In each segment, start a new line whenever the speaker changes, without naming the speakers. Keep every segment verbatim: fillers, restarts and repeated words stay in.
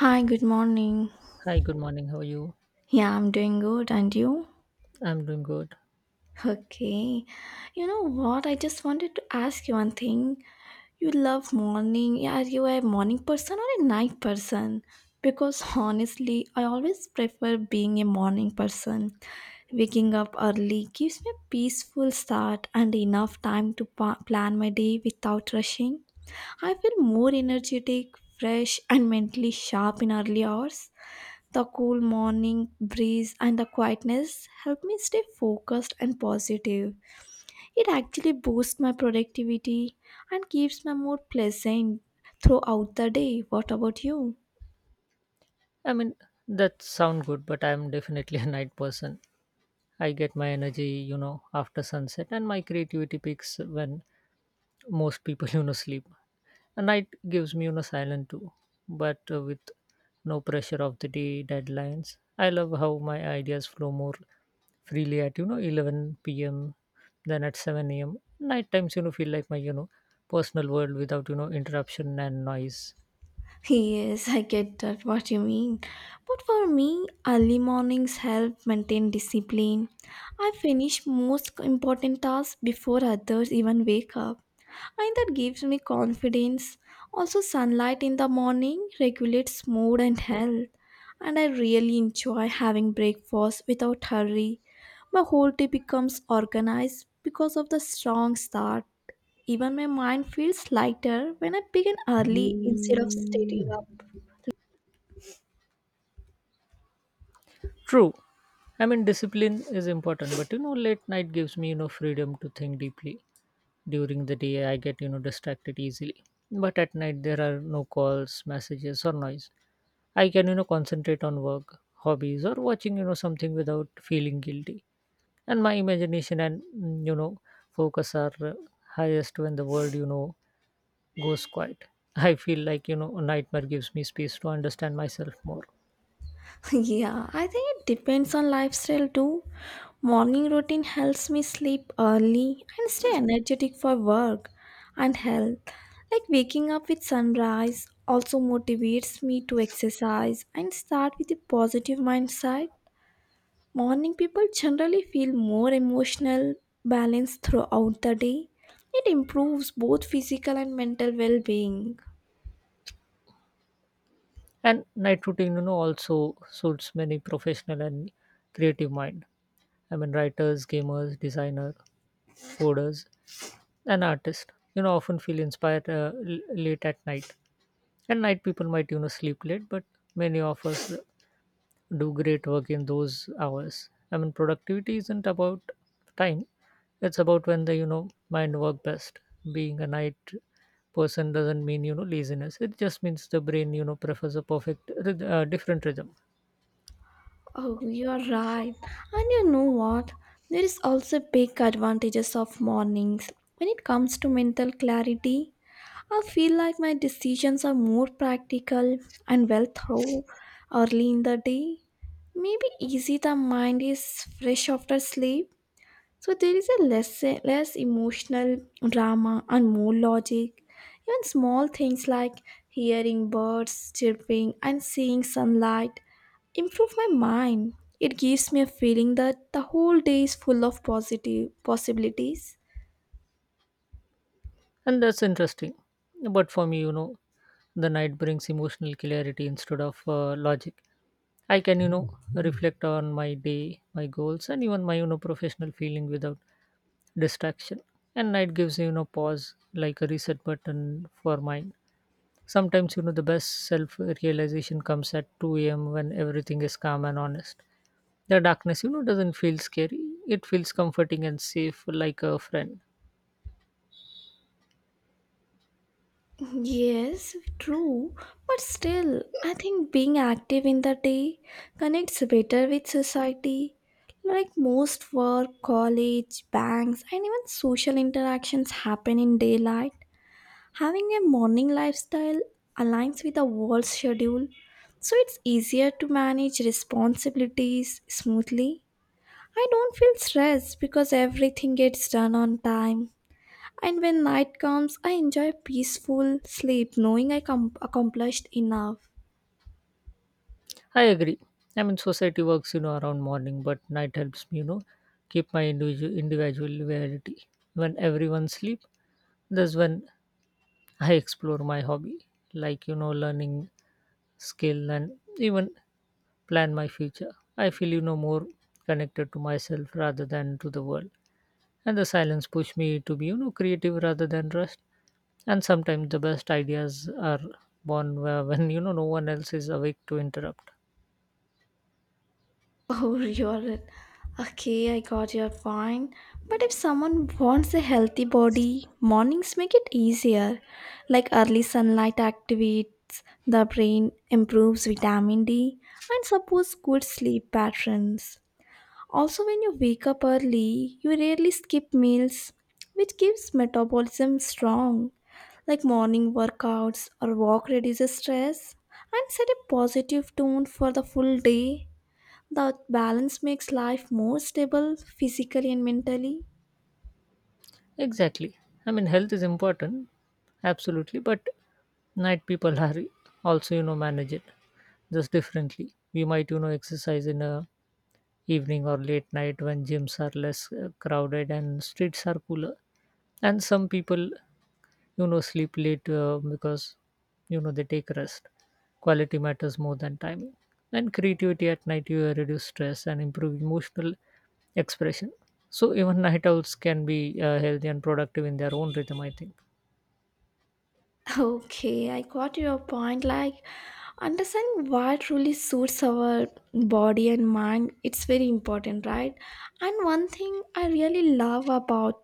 Hi, good morning.
Hi, good morning. How are you?
Yeah, I'm doing good. And you?
I'm doing good.
Okay. You know what? I just wanted to ask you one thing. You love morning. Yeah, are you a morning person or a night person? Because honestly, I always prefer being a morning person. Waking up early gives me a peaceful start and enough time to pa- plan my day without rushing. I feel more energetic, fresh, and mentally sharp in early hours. The cool morning breeze and the quietness help me stay focused and positive. It actually boosts my productivity and keeps my mood pleasant throughout the day. What about you?
I mean, that sound good, but I'm definitely a night person. I get my energy, you know, after sunset, and my creativity peaks when most people, you know, sleep. A night gives me, you know, silence too, but uh, with no pressure of the day deadlines. I love how my ideas flow more freely at, you know, eleven p m than at seven a m. Night times, you know, feel like my, you know, personal world without, you know, interruption and noise.
Yes, I get that what you mean. But for me, early mornings help maintain discipline. I finish most important tasks before others even wake up, and that gives me confidence. Also, sunlight in the morning regulates mood and health, and I really enjoy having breakfast without hurry. My whole day becomes organized because of the strong start. Even my mind feels lighter when I begin early instead of staying up.
True. I mean, discipline is important, but you know, late night gives me, you know, freedom to think deeply. During the day, I get, you know, distracted easily. But at night, there are no calls, messages, or noise. I can, you know, concentrate on work, hobbies, or watching, you know, something without feeling guilty. And my imagination and, mm, you know, focus are uh, highest when the world, you know, goes quiet. I feel like, you know, a nightmare gives me space to understand myself more.
Yeah, I think it depends on lifestyle too. Morning routine helps me sleep early and stay energetic for work and health. Like waking up with sunrise also motivates me to exercise and start with a positive mindset. Morning people generally feel more emotional balance throughout the day. It improves both physical and mental well being.
And night routine, you know, also suits many professional and creative mind. I mean, writers, gamers, designer, coders, and artists, you know, often feel inspired uh, l- late at night. And night people might, you know, sleep late, but many of us do great work in those hours. I mean, productivity isn't about time; it's about when the you know mind work best. Being a night person doesn't mean you know laziness. It just means the brain, you know, prefers a perfect, ryth- uh, different rhythm.
Oh, you are right. And you know what? There is also big advantages of mornings. When it comes to mental clarity, I feel like my decisions are more practical and well thought early in the day. Maybe easy the mind is fresh after sleep. So there is a less less emotional drama and more logic. Even small things like hearing birds chirping and seeing sunlight improve my mind. It gives me a feeling that the whole day is full of positive possibilities.
And that's interesting. But for me, you know, the night brings emotional clarity instead of uh, logic. I can, you know, reflect on my day, my goals, and even my, you know, professional feeling without distraction. And night gives, you know, pause like a reset button for mind. Sometimes, you know, the best self realization comes at two a m when everything is calm and honest. The darkness, you know, doesn't feel scary. It feels comforting and safe like a friend.
Yes, true, but still, I think being active in the day connects better with society. Like most work, college, banks, and even social interactions happen in daylight. Having a morning lifestyle aligns with the world's schedule, so it's easier to manage responsibilities smoothly. I don't feel stressed because everything gets done on time. And when night comes, I enjoy peaceful sleep, knowing I com- accomplished enough.
I agree. I mean, society works, you know, around morning, but night helps me, you know, keep my individual individuality. When everyone sleep, that's when I explore my hobby, like you know, learning skill and even plan my future. I feel you know more connected to myself rather than to the world, and the silence push me to be you know creative rather than rushed. And sometimes the best ideas are born where- when you know no one else is awake to interrupt.
Oh, you're okay. I got your point. But if someone wants a healthy body, mornings make it easier. Like early sunlight activates the brain, improves vitamin D, and supports good sleep patterns. Also, when you wake up early, you rarely skip meals, which keeps metabolism strong. Like morning workouts or walk reduces stress and set a positive tone for the full day. That balance makes life more stable physically and mentally.
Exactly. I mean, health is important, absolutely, but night people are also, you know, manage it just differently. We might, you know, exercise in a evening or late night when gyms are less uh, crowded and streets are cooler. And some people you know sleep late uh, because you know they take rest quality matters more than timing and creativity at night you reduce stress and improve emotional expression so even night owls can be uh, healthy and productive in their own rhythm I think.
Okay, I got your point. Like, understanding what really suits our body and mind, it's very important, right? And one thing I really love about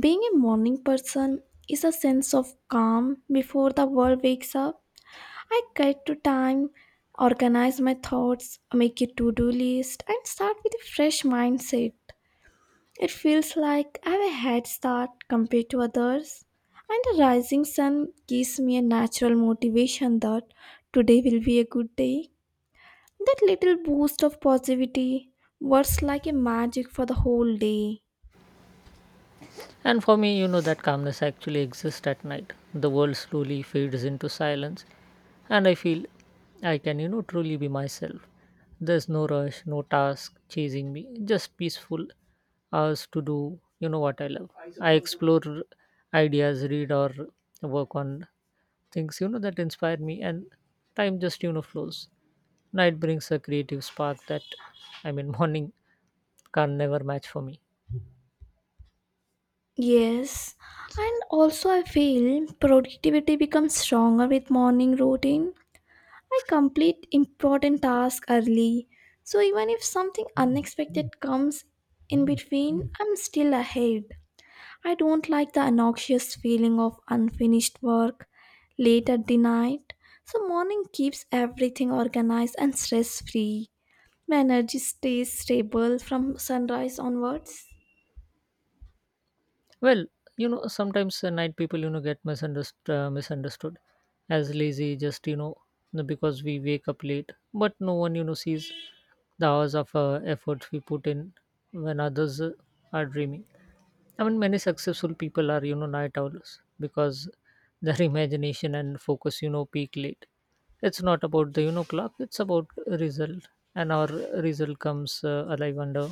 being a morning person is a sense of calm before the world wakes up. I get to time, organize my thoughts, make a to do list, and start with a fresh mindset. It feels like I have a head start compared to others, and the rising sun gives me a natural motivation that today will be a good day. That little boost of positivity works like a magic for the whole day.
And for me, you know, that calmness actually exists at night. The world slowly fades into silence, and I feel I can, you know, truly be myself. There's no rush, no task chasing me, just peaceful hours to do, you know, what I love. I explore ideas, read, or work on things, you know, that inspire me, and time just, you know, flows. Night brings a creative spark that, I mean, morning can never match for me.
Yes, and also I feel productivity becomes stronger with morning routine. I complete important tasks early, so even if something unexpected comes in between, I'm still ahead. I don't like the noxious feeling of unfinished work late at the night, so morning keeps everything organized and stress free. My energy stays stable from sunrise onwards.
Well, you know, sometimes uh, night people, you know, get misunderstood, uh, misunderstood as lazy, just, you know, because we wake up late. But no one, you know, sees the hours of uh, effort we put in when others uh, are dreaming. I mean, many successful people are, you know, night owls because their imagination and focus, you know, peak late. It's not about the, you know, clock, it's about result. And our result comes uh, alive under,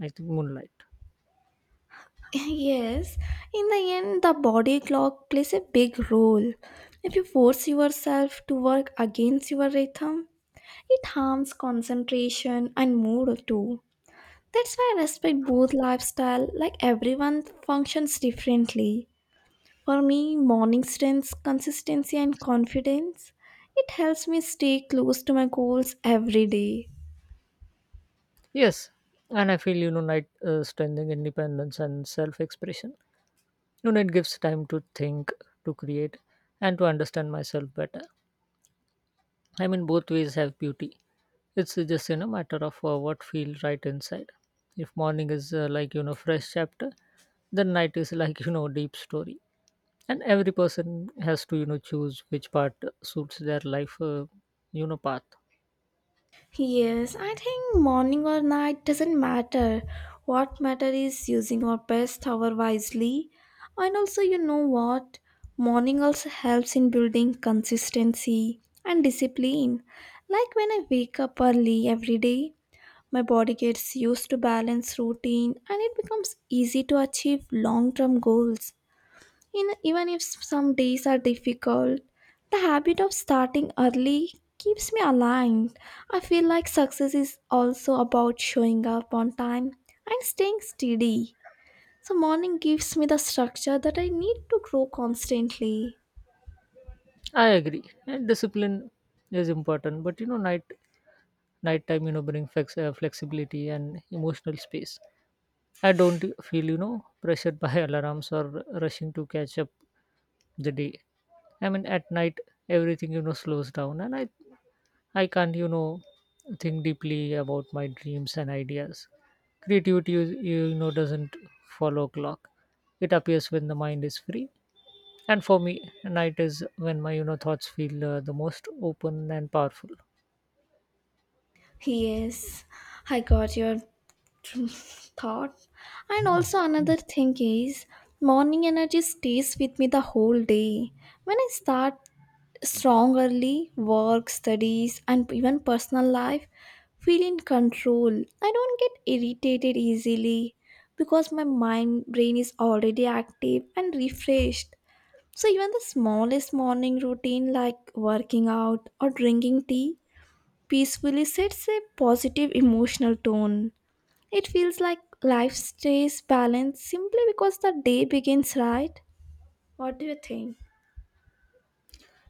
I think, moonlight.
Yes, in the end, the body clock plays a big role. If you force yourself to work against your rhythm, it harms concentration and mood too. That's why I respect both lifestyle, like everyone functions differently. For me, morning strengths, consistency and confidence. It helps me stay close to my goals every day.
Yes, and I feel you know night uh, strengthening independence and self-expression. You gives time to think, to create, and to understand myself better. I mean, both ways have beauty. It's just you know matter of uh, what feels right inside. If morning is uh, like you know fresh chapter, then night is like you know deep story. And every person has to you know choose which part suits their life uh, you know path.
Yes, I think morning or night doesn't matter. What matter is using our best hour wisely. And also, you know what? Morning also helps in building consistency and discipline. Like when I wake up early every day, my body gets used to balance routine and it becomes easy to achieve long term goals. In, even if some days are difficult, the habit of starting early keeps me aligned. I feel like success is also about showing up on time and staying steady. So, morning gives me the structure that I need to grow constantly.
I agree, and discipline is important, but you know night nighttime you know bring flex- uh, flexibility and emotional space. I don't feel you know pressured by alarms or rushing to catch up the day. I mean at night everything you know slows down and i i can't you know think deeply about my dreams and ideas. Creativity is- you know doesn't follow clock. It appears when the mind is free, and for me night is when my you know thoughts feel uh, the most open and powerful.
Yes, I got your thought. And also, another thing is, morning energy stays with me the whole day. When I start strong early, work, studies, and even personal life, feel in control. I don't get irritated easily because my mind brain is already active and refreshed. So even the smallest morning routine like working out or drinking tea peacefully sets a positive emotional tone. It feels like life stays balanced simply because the day begins right. What do you think?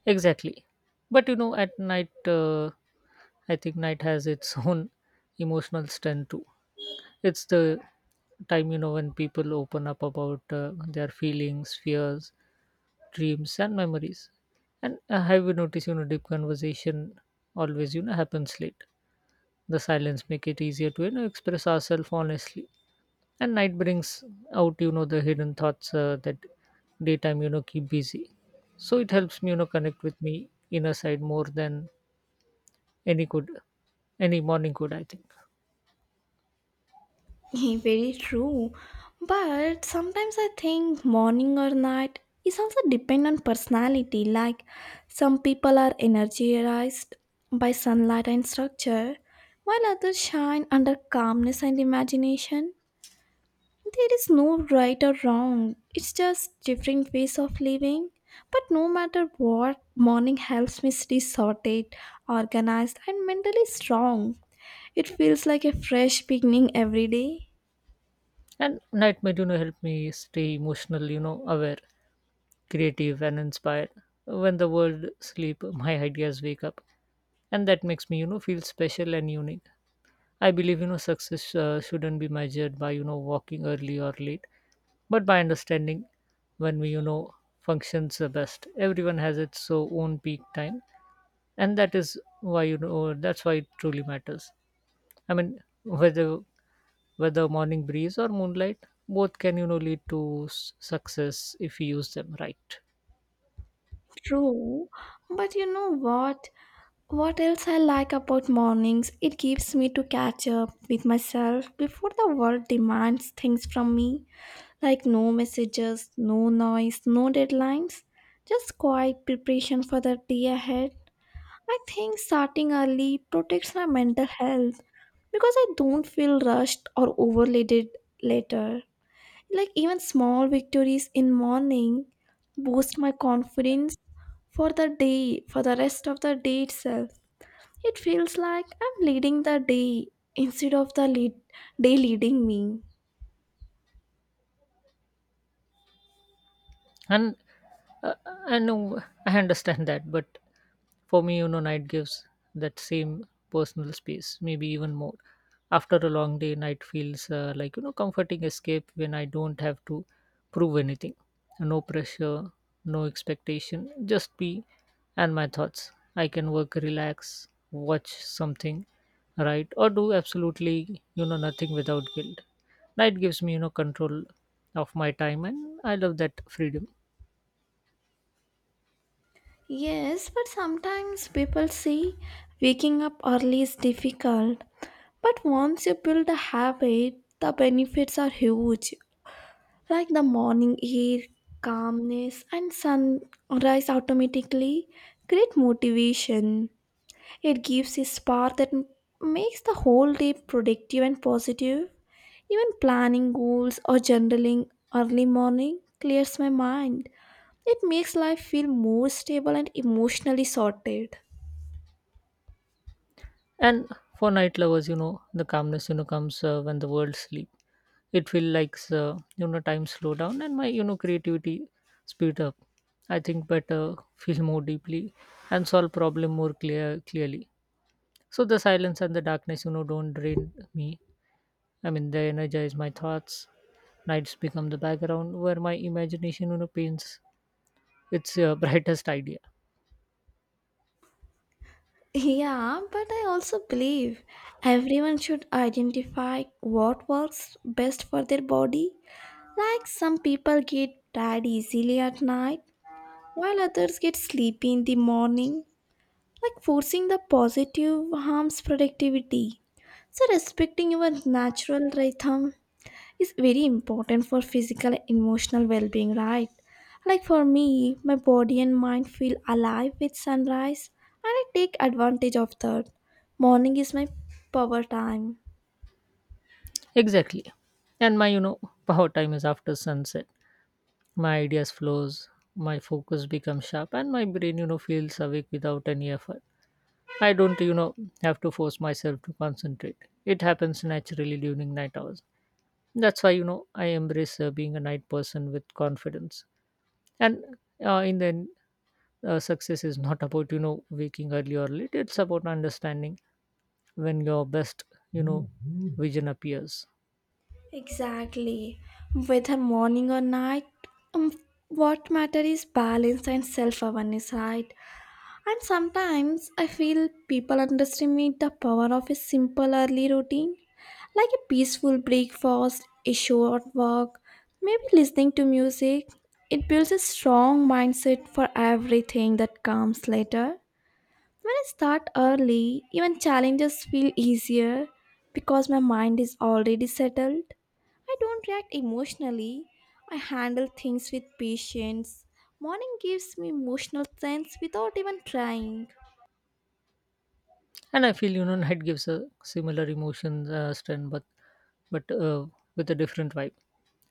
Exactly. But you know, at night, uh, I think night has its own emotional strength too. It's the time, you know, when people open up about uh, their feelings, fears, dreams, and memories. And uh, have you noticed, you know, deep conversation always, you know, happens late. The silence make it easier to, you know, express ourselves honestly and night brings out you know the hidden thoughts uh, that daytime you know keep busy, so it helps me you know connect with me inner side more than any could any morning could I think.
Very true. But sometimes I think morning or night is also depend on personality. Like some people are energized by sunlight and structure, while others shine under calmness and imagination. There is no right or wrong, it's just different ways of living. But no matter what, morning helps me stay sorted, organized, and mentally strong. It feels like a fresh beginning every day.
And night might you know help me stay emotional you know aware creative and inspired. When the world sleep my ideas wake up, and that makes me you know feel special and unique. I believe you know success uh, shouldn't be measured by you know walking early or late, but by understanding when we you know functions the best. Everyone has its so own peak time, and that is why you know that's why it truly matters. I mean, whether whether morning breeze or moonlight, both can you know lead to s- success if we use them right.
True, but you know what? What else I like about mornings? It gives me to catch up with myself before the world demands things from me. Like no messages, no noise, no deadlines, just quiet preparation for the day ahead. I think starting early protects my mental health because I don't feel rushed or overloaded later. Like even small victories in morning boost my confidence for the day, for the rest of the day itself. It feels like I'm leading the day instead of the lead- day leading me.
And Uh, I know, I understand that, but for me, you know, night gives that same personal space, maybe even more. After a long day, night feels uh, like, you know, comforting escape when I don't have to prove anything. No pressure, no expectation, just be and my thoughts. I can work, relax, watch something, right? Or do absolutely, you know, nothing without guilt. Night gives me, you know, control of my time, and I love that freedom.
Yes, but sometimes people see waking up early is difficult. But once you build a habit, the benefits are huge. Like the morning air, calmness, and sunrise automatically create motivation. It gives a spark that m- makes the whole day productive and positive. Even planning goals or journaling early morning clears my mind. It makes life feel more stable and emotionally sorted.
And for night lovers, you know, the calmness, you know, comes uh, when the world sleep. It feel like, uh, you know, time slow down and my, you know, creativity speed up. I think better, feel more deeply and solve problem more clear clearly. So the silence and the darkness, you know, don't drain me. I mean, they energize my thoughts. Nights become the background where my imagination, you know, paints its uh, brightest idea.
Yeah, but I also believe everyone should identify what works best for their body. Like some people get tired easily at night, while others get sleepy in the morning. Like forcing the positive harms productivity. So respecting your natural rhythm is very important for physical and emotional well-being, right? Like for me, my body and mind feel alive with sunrise, and I take advantage of that. Morning is my power time.
Exactly. And my, you know, power time is after sunset. My ideas flows, my focus becomes sharp and my brain you know feels awake without any effort. I don't you know have to force myself to concentrate. It happens naturally during night hours. That's why you know I embrace uh, being a night person with confidence. And uh, In the end uh, success is not about you know waking early or late. It's about understanding when your best you know vision appears.
Exactly. Whether morning or night, um, what matter is balance and self-awareness, right? And sometimes I feel people underestimate the power of a simple early routine, like a peaceful breakfast, a short walk, maybe listening to music. It builds a strong mindset for everything that comes later. When I start early, even challenges feel easier because my mind is already settled. I don't react emotionally, I handle things with patience. Morning gives me emotional sense without even trying.
And I feel Union Head gives a similar emotion uh, strength, but but uh, with a different vibe.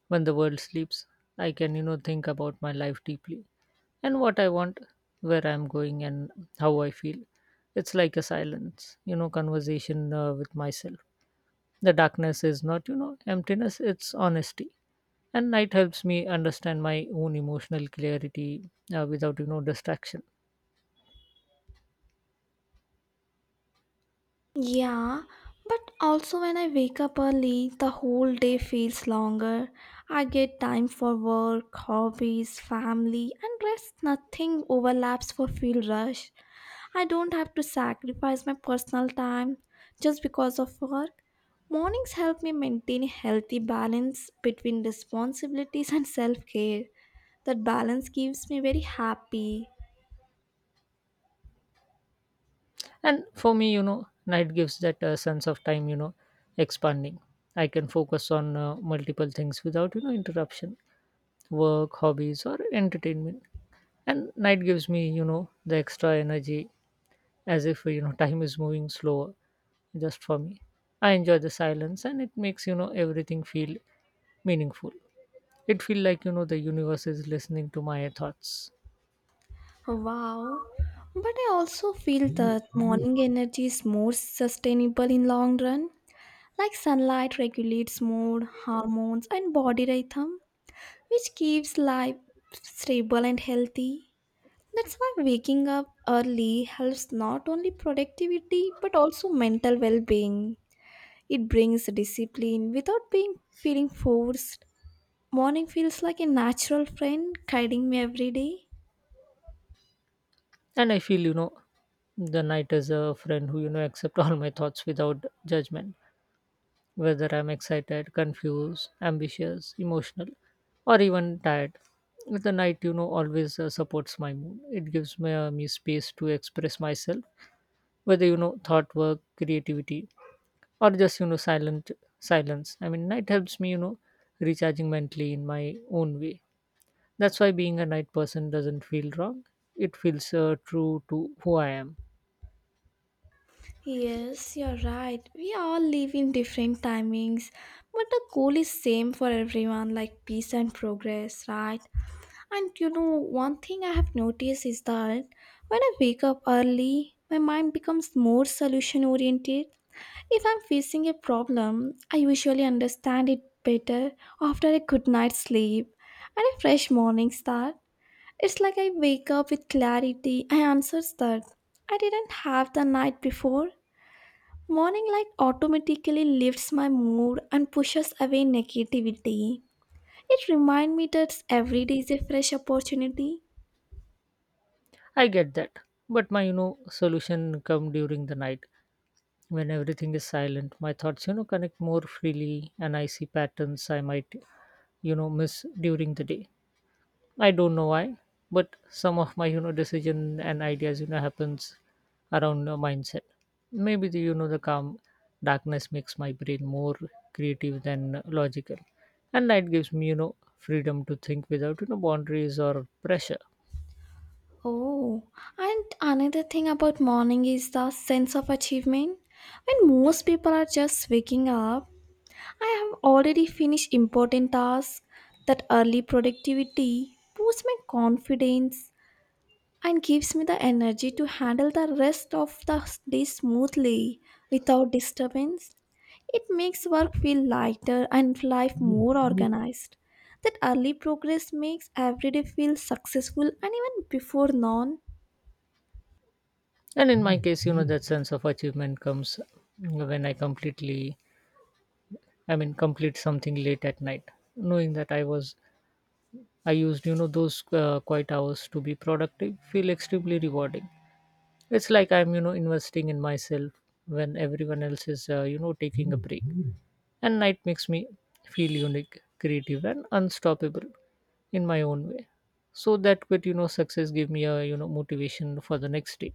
When the world sleeps, I can you know think about my life deeply and what I want, where I'm going, and how I feel. It's like a silence, you know, conversation uh, with myself. The darkness is not you know emptiness; it's honesty. And night helps me understand my own emotional clarity uh, without you know distraction.
Yeah, but also when I wake up early, the whole day feels longer. I get time for work, hobbies, family, and rest. Nothing overlaps for field rush. I don't have to sacrifice my personal time just because of work. Mornings help me maintain a healthy balance between responsibilities and self care. That balance keeps me very happy.
And for me you know night gives that uh, sense of time you know expanding. I can focus on uh, multiple things without you know interruption, work hobbies or entertainment. And night gives me you know the extra energy, as if you know time is moving slower just for me. I enjoy the silence and it makes you know everything feel meaningful. It feel like you know the universe is listening to my thoughts.
Wow. But I also feel that morning energy is more sustainable in long run. Like sunlight regulates mood, hormones and body rhythm, which keeps life stable and healthy. That's why waking up early helps not only productivity but also mental well-being. It brings discipline without being feeling forced. Morning feels like a natural friend guiding me every day.
And I feel you know the night is a friend who you know accept all my thoughts without judgment. Whether I'm excited, confused, ambitious, emotional, or even tired, the night, you know, always uh, supports my mood. It gives me, uh, me space to express myself, whether, you know, thought work, creativity, or just, you know, silent silence. I mean, night helps me, you know, recharging mentally in my own way. That's why being a night person doesn't feel wrong. It feels uh, true to who I am.
Yes, you're right. We all live in different timings, but the goal is same for everyone, like peace and progress, right? And you know, one thing I have noticed is that when I wake up early, my mind becomes more solution oriented. If I'm facing a problem, I usually understand it better after a good night's sleep and a fresh morning start. It's like I wake up with clarity. I answers that I didn't have the night before. Morning light automatically lifts my mood and pushes away negativity. It reminds me that every day is a fresh opportunity.
I get that. But my, you know, solution come during the night. When everything is silent, my thoughts you know connect more freely, and I see patterns I might you know miss during the day. I don't know why, but some of my you know decision and ideas you know happens around the mindset. Maybe the you know the calm darkness makes my brain more creative than logical, and light gives me you know freedom to think without you know boundaries or pressure.
Oh, and another thing about morning is the sense of achievement. When most people are just waking up, I have already finished important tasks. That early productivity boosts my confidence and gives me the energy to handle the rest of the day smoothly without disturbance. It makes work feel lighter and life more organized. That early progress makes every day feel successful and even before noon.
And in my case, you know that sense of achievement comes when I completely I mean, complete something late at night, knowing that I was I used you know those uh, quiet hours to be productive, feel extremely rewarding. It's like I'm you know investing in myself when everyone else is uh, you know taking a break, and night makes me feel unique, creative, and unstoppable in my own way. So that quit you know success gave me a you know motivation for the next day.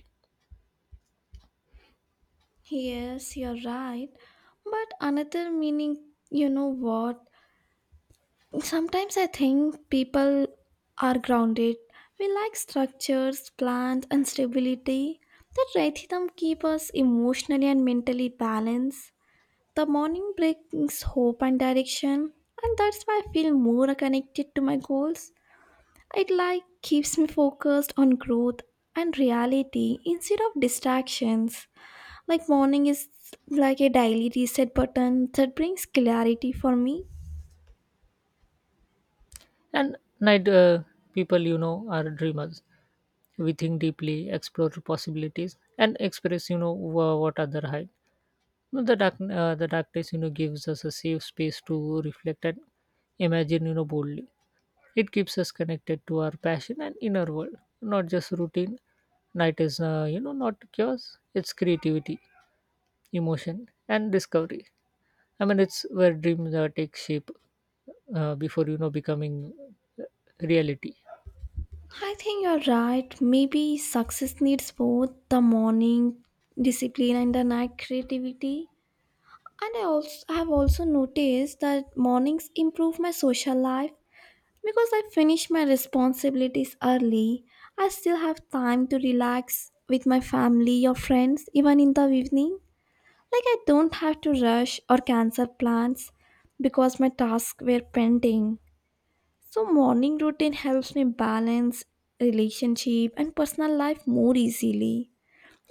Yes, you're right. But another meaning, you know what? Sometimes I think people are grounded. We like structures, plans, and stability. The rhythm keeps us emotionally and mentally balanced. The morning brings hope and direction, and that's why I feel more connected to my goals. It like keeps me focused on growth and reality instead of distractions. Like morning is like a daily reset button that brings clarity for me.
And night uh, people, you know, are dreamers. We think deeply, explore possibilities, and express, you know, wha- what other hide. You know, The dark, uh, the darkness, you know, gives us a safe space to reflect and imagine, you know, boldly. It keeps us connected to our passion and inner world, not just routine. Night is, uh, you know, not chaos. It's creativity, emotion, and discovery. I mean, it's where dreams uh, take shape uh, before you know becoming uh, reality.
I think you're right. Maybe success needs both the morning discipline and the night creativity. And I also I have also noticed that mornings improve my social life because I finish my responsibilities early. I still have time to relax with my family or friends even in the evening. Like I don't have to rush or cancel plans because my tasks were pending. So, morning routine helps me balance relationship and personal life more easily.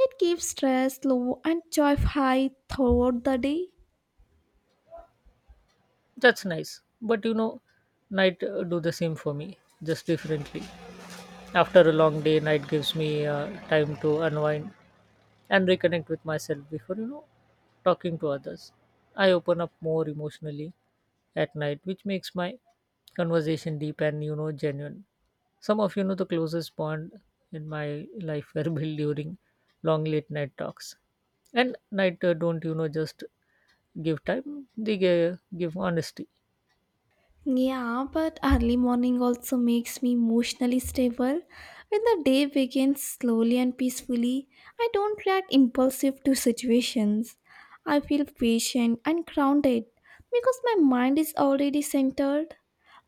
It keeps stress low and joy high throughout the day.
That's nice. But you know, night uh, do the same for me, just differently. After a long day, night gives me uh, time to unwind and reconnect with myself before, you know, talking to others. I open up more emotionally at night, which makes my conversation deep and, you know, genuine. Some of you know the closest bond in my life were built during long late night talks. And night uh, don't, you know, just give time, they gi- give honesty.
Yeah, but early morning also makes me emotionally stable. When the day begins slowly and peacefully, I don't react impulsive to situations. I feel patient and grounded because my mind is already centered.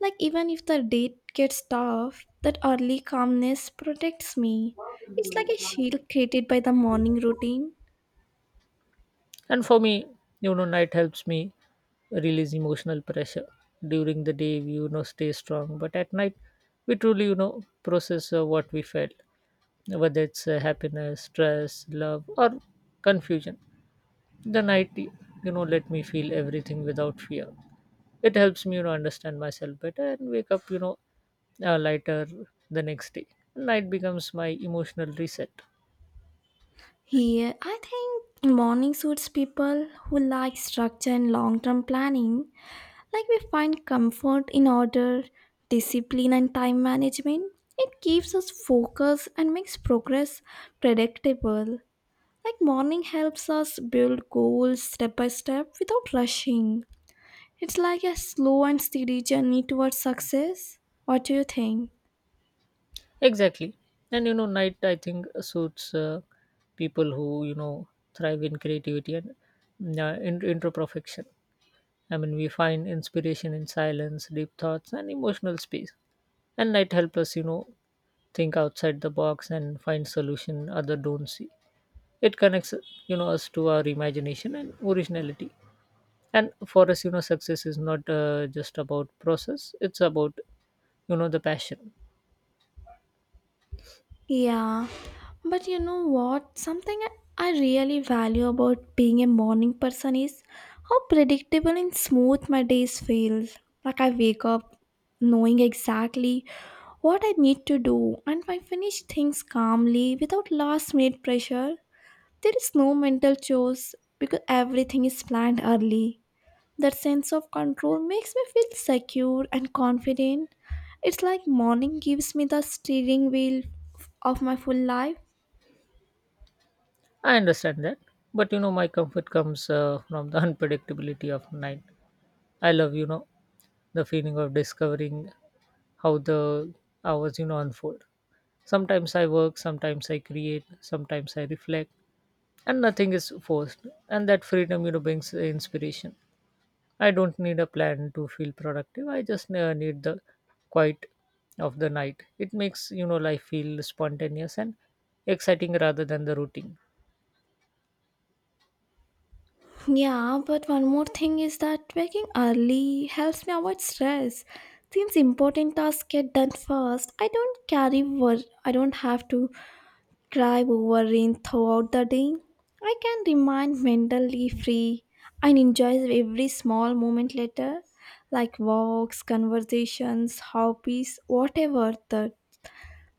Like even if the day gets tough, that early calmness protects me. It's like a shield created by the morning routine.
And for me, you know, night helps me release emotional pressure. During the day, we, you know, stay strong, but at night, we truly, you know, process uh, what we felt, whether it's uh, happiness, stress, love, or confusion. The night, you know, let me feel everything without fear. It helps me, you know, understand myself better and wake up, you know, uh, lighter the next day. Night becomes my emotional reset.
Here, I think morning suits people who like structure and long-term planning. Like we find comfort in order, discipline, and time management. It keeps us focused and makes progress predictable. Like morning helps us build goals step by step without rushing. It's like a slow and steady journey towards success. What do you think?
Exactly. And you know, night I think suits uh, people who you know thrive in creativity and uh, in- introspection. I mean, we find inspiration in silence, deep thoughts, and emotional space. And night helps us, you know, think outside the box and find solution other don't see. It connects, you know, us to our imagination and originality. And for us, you know, success is not uh, just about process; it's about you know the passion.
Yeah, but you know what? Something I I really value about being a morning person is how predictable and smooth my days feel. Like I wake up knowing exactly what I need to do and I finish things calmly without last minute pressure. There is no mental chores because everything is planned early. That sense of control makes me feel secure and confident. It's like morning gives me the steering wheel of my full life.
I understand that, but you know, my comfort comes uh, from the unpredictability of night. I love, you know, the feeling of discovering how the hours, you know, unfold. Sometimes I work, sometimes I create, sometimes I reflect, and nothing is forced. And that freedom, you know, brings uh, inspiration. I don't need a plan to feel productive. I just uh, need the quiet of the night. It makes, you know, life feel spontaneous and exciting rather than the routine.
Yeah, but one more thing is that waking early helps me avoid stress. Since important tasks get done first, I don't carry wor- I don't have to drive overrun throughout the day. I can remain mentally free and enjoy every small moment later, like walks, conversations, hobbies, whatever that.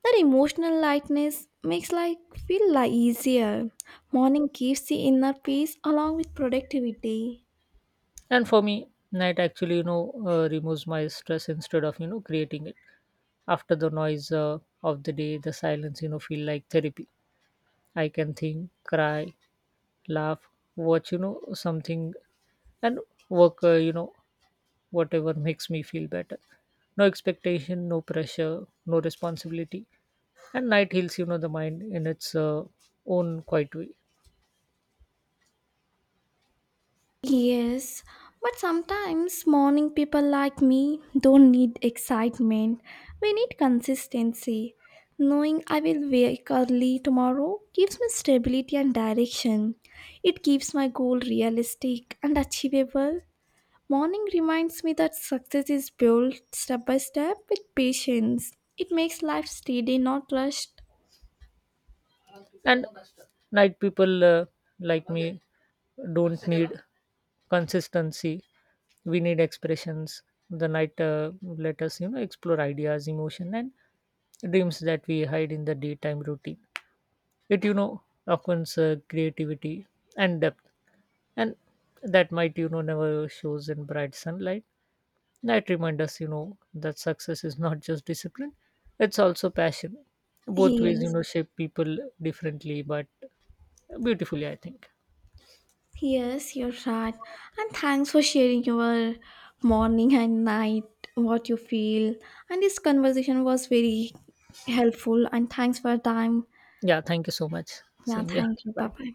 That emotional lightness makes life feel like easier. Morning gives the inner peace along with productivity.
And for me, night actually, you know, uh, removes my stress instead of, you know, creating it. After the noise uh, of the day, the silence, you know, feel like therapy. I can think, cry, laugh, watch, you know, something and work, uh, you know, whatever makes me feel better. No expectation, no pressure, no responsibility. And night heals, you know, the mind in its uh, own quiet way.
Yes, but sometimes morning people like me don't need excitement. We need consistency. Knowing I will wake early tomorrow gives me stability and direction. It keeps my goal realistic and achievable. Morning reminds me that success is built step by step with patience. It makes life steady, not rushed.
And night people uh, like me don't need consistency. We need expressions. The night uh, let us you know explore ideas emotion and dreams that we hide in the daytime routine. It you know opens uh, creativity and depth, and that might you know never shows in bright sunlight. That remind us you know that success is not just discipline, it's also passion. Both ways you
Yes.
know shape people differently, but beautifully, I think.
Yes, you're right. And thanks for sharing your morning and night, what you feel. And this conversation was very helpful. And thanks for your time.
Yeah, thank you so much.
Yeah,
Same. Yeah.
thank you. Bye
Bye.
bye.